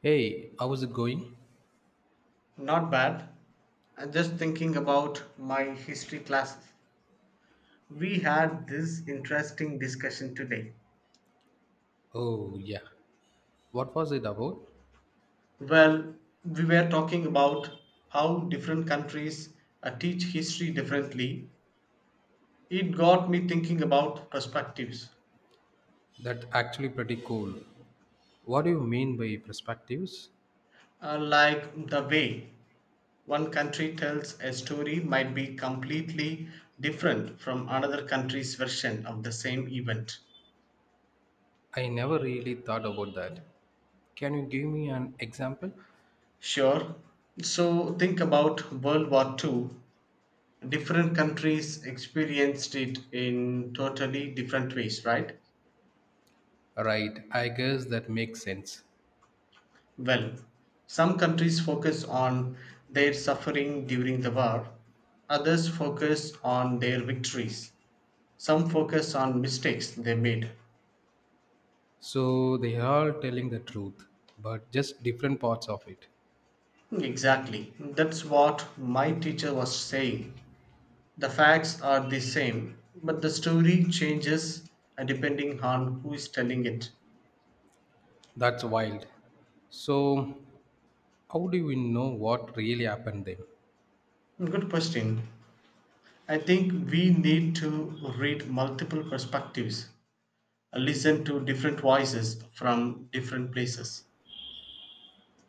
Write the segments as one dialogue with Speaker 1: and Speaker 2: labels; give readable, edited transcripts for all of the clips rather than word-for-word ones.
Speaker 1: Hey, how is it going?
Speaker 2: Not bad. And just thinking about my history classes. We had this interesting discussion today.
Speaker 1: Oh, yeah. What was it about?
Speaker 2: Well, we were talking about how different countries teach history differently. It got me thinking about perspectives.
Speaker 1: That actually pretty cool. What do you mean by perspectives?
Speaker 2: Like the way one country tells a story might be completely different from another country's version of the same event.
Speaker 1: I never really thought about that. Can you give me an example?
Speaker 2: Sure. So think about World War Two. Different countries experienced it in totally different ways, right?
Speaker 1: Right, I guess that makes sense.
Speaker 2: Well, some countries focus on their suffering during the war, others focus on their victories, some focus on mistakes they made.
Speaker 1: So they are all telling the truth, but just different parts of it.
Speaker 2: Exactly, that's what my teacher was saying. The facts are the same, but the story changes depending on who is telling it.
Speaker 1: That's wild. So, how do we know what really happened then?
Speaker 2: Good question. I think we need to read multiple perspectives, listen to different voices from different places.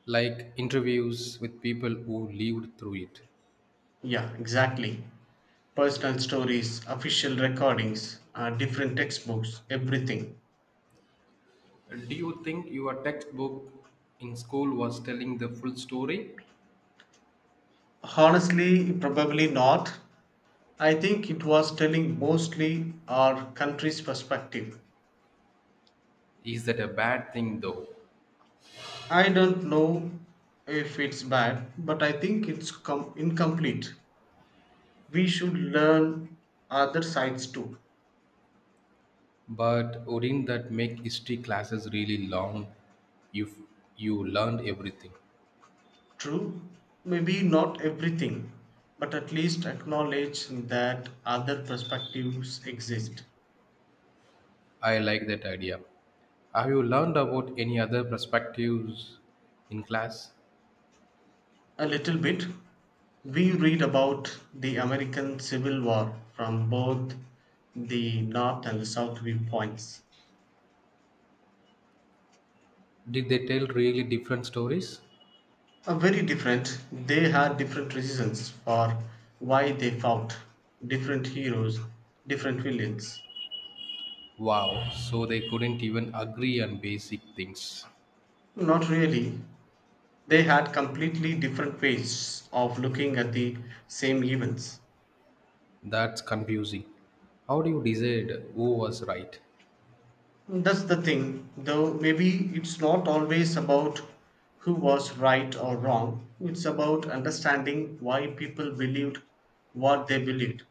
Speaker 1: Like interviews with people who lived through it.
Speaker 2: Yeah, exactly. Personal stories, official recordings, different textbooks, everything.
Speaker 1: Do you think your textbook in school was telling the full story?
Speaker 2: Honestly, probably not. I think it was telling mostly our country's perspective.
Speaker 1: Is that a bad thing though?
Speaker 2: I don't know if it's bad, but I think it's incomplete. We should learn other sides too.
Speaker 1: But wouldn't that make history classes really long if you learned everything?
Speaker 2: True, maybe not everything, but at least acknowledge that other perspectives exist.
Speaker 1: I like that idea. Have you learned about any other perspectives in class?
Speaker 2: A little bit, we read about the American Civil War from both the North and the South viewpoints.
Speaker 1: Did they tell really different stories?
Speaker 2: Are very different. They had different reasons for why they fought, different heroes, different villains.
Speaker 1: Wow, so they couldn't even agree on basic things.
Speaker 2: Not really. They had completely different ways of looking at the same events.
Speaker 1: That's confusing. How do you decide who was right?
Speaker 2: That's the thing, though maybe it's not always about who was right or wrong. It's about understanding why people believed what they believed.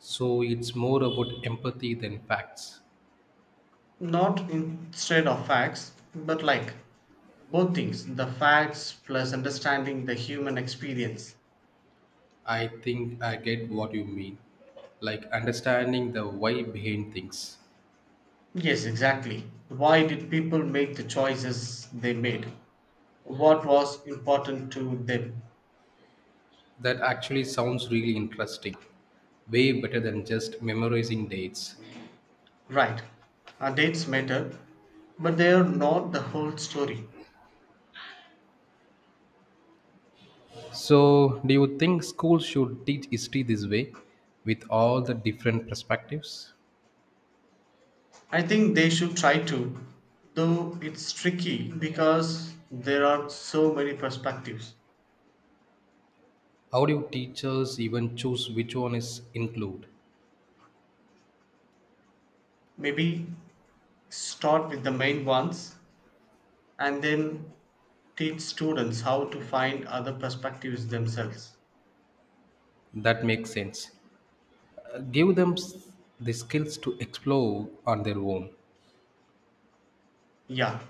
Speaker 1: So it's more about empathy than facts.
Speaker 2: Not instead of facts, but like both things, the facts plus understanding the human experience.
Speaker 1: I think I get what you mean. Like understanding the why behind things.
Speaker 2: Yes, exactly. Why did people make the choices they made? What was important to them?
Speaker 1: That actually sounds really interesting. Way better than just memorizing dates.
Speaker 2: Right. Our dates matter, but they are not the whole story.
Speaker 1: So, do you think schools should teach history this way with all the different perspectives?
Speaker 2: I think they should try to, though it's tricky because there are so many perspectives.
Speaker 1: How do teachers even choose which one is include?
Speaker 2: Maybe start with the main ones and then teach students how to find other perspectives themselves.
Speaker 1: That makes sense. Give them the skills to explore on their own.
Speaker 2: Yeah,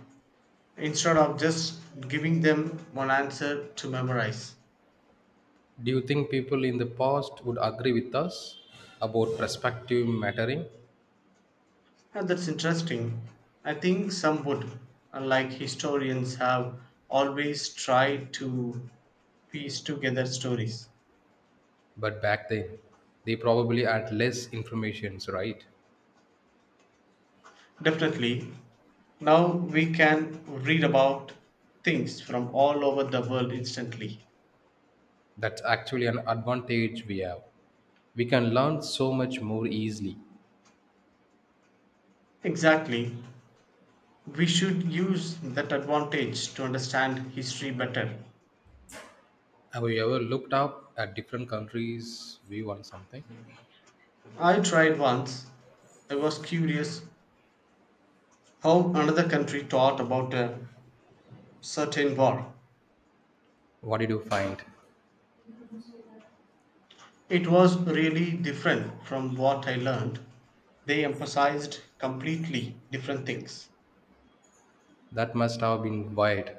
Speaker 2: instead of just giving them one answer to memorize.
Speaker 1: Do you think people in the past would agree with us about perspective mattering?
Speaker 2: And that's interesting. I think some would, like historians, have always tried to piece together stories.
Speaker 1: But back then, they probably had less information, right?
Speaker 2: Definitely. Now we can read about things from all over the world instantly.
Speaker 1: That's actually an advantage we have. We can learn so much more easily.
Speaker 2: Exactly. We should use that advantage to understand history better.
Speaker 1: Have you ever looked up at different countries' view on something?
Speaker 2: I tried once. I was curious how another country taught about a certain war.
Speaker 1: What did you find?
Speaker 2: It was really different from what I learned. They emphasized completely different things.
Speaker 1: That must have been wide.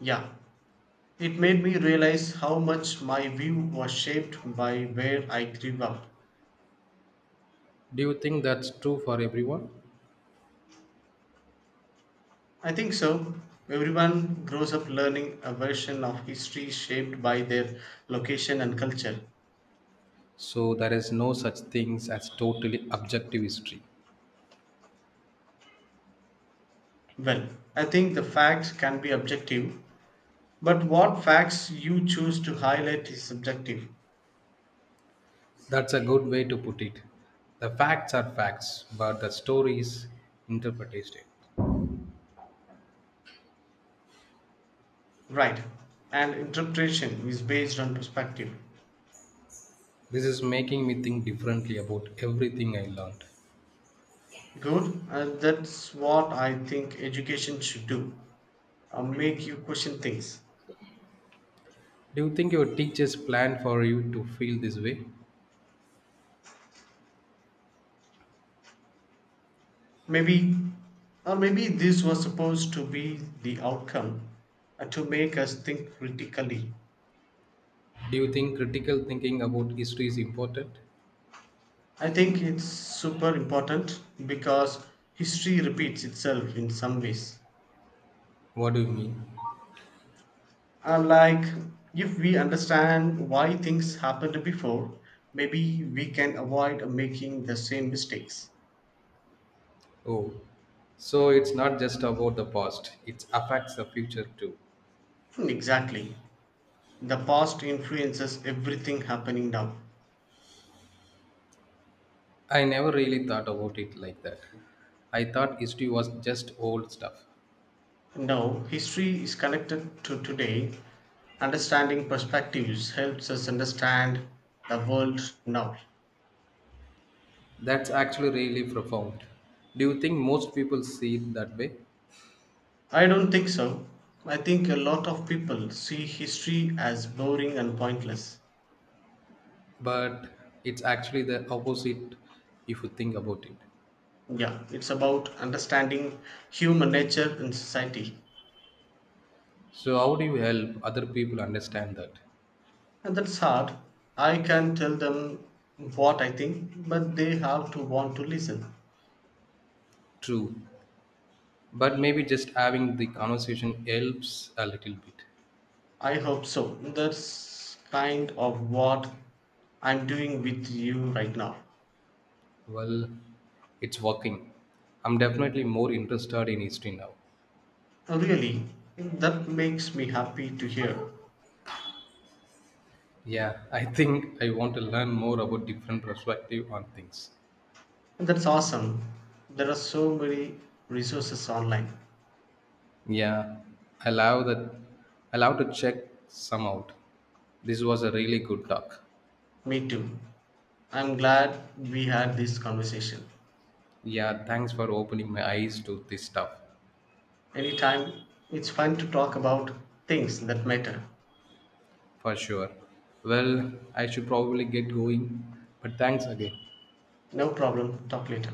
Speaker 2: Yeah. It made me realize how much my view was shaped by where I grew up.
Speaker 1: Do you think that's true for everyone?
Speaker 2: I think so. Everyone grows up learning a version of history shaped by their location and culture.
Speaker 1: So there is no such things as totally objective history.
Speaker 2: Well, I think the facts can be objective, but what facts you choose to highlight is subjective.
Speaker 1: That's a good way to put it. The facts are facts, but the story is interpretation.
Speaker 2: Right. And interpretation is based on perspective.
Speaker 1: This is making me think differently about everything I learned.
Speaker 2: Good. And that's what I think education should do. Make you question things.
Speaker 1: Do you think your teachers planned for you to feel this way?
Speaker 2: Maybe, or maybe this was supposed to be the outcome and to make us think critically.
Speaker 1: Do you think critical thinking about history is important?
Speaker 2: I think it's super important because history repeats itself in some ways.
Speaker 1: What do you mean?
Speaker 2: Uh, like, if we understand why things happened before, maybe we can avoid making the same mistakes.
Speaker 1: Oh, so it's not just about the past, it affects the future too.
Speaker 2: Exactly. The past influences everything happening now.
Speaker 1: I never really thought about it like that. I thought history was just old stuff.
Speaker 2: No, history is connected to today. Understanding perspectives helps us understand the world now.
Speaker 1: That's actually really profound. Do you think most people see it that way?
Speaker 2: I don't think so. I think a lot of people see history as boring and pointless.
Speaker 1: But it's actually the opposite if you think about it.
Speaker 2: Yeah, it's about understanding human nature and society.
Speaker 1: So, how do you help other people understand that?
Speaker 2: And that's hard. I can tell them what I think, but they have to want to listen.
Speaker 1: True. But maybe just having the conversation helps a little bit.
Speaker 2: I hope so. That's kind of what I'm doing with you right now.
Speaker 1: Well, it's working. I'm definitely more interested in history now.
Speaker 2: Really, that makes me happy to hear.
Speaker 1: Yeah, I think I want to learn more about different perspective on things.
Speaker 2: That's awesome. There are so many resources online.
Speaker 1: Yeah, I love that. I love to check some out. This was a really good talk.
Speaker 2: Me too. I'm glad we had this conversation.
Speaker 1: Yeah, thanks for opening my eyes to this stuff,
Speaker 2: Anytime, it's fun to talk about things that matter.
Speaker 1: for sure. Well, I should probably get going, but thanks again.
Speaker 2: No problem, talk later.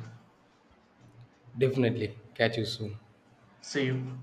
Speaker 1: Definitely. Catch you soon.
Speaker 2: See you.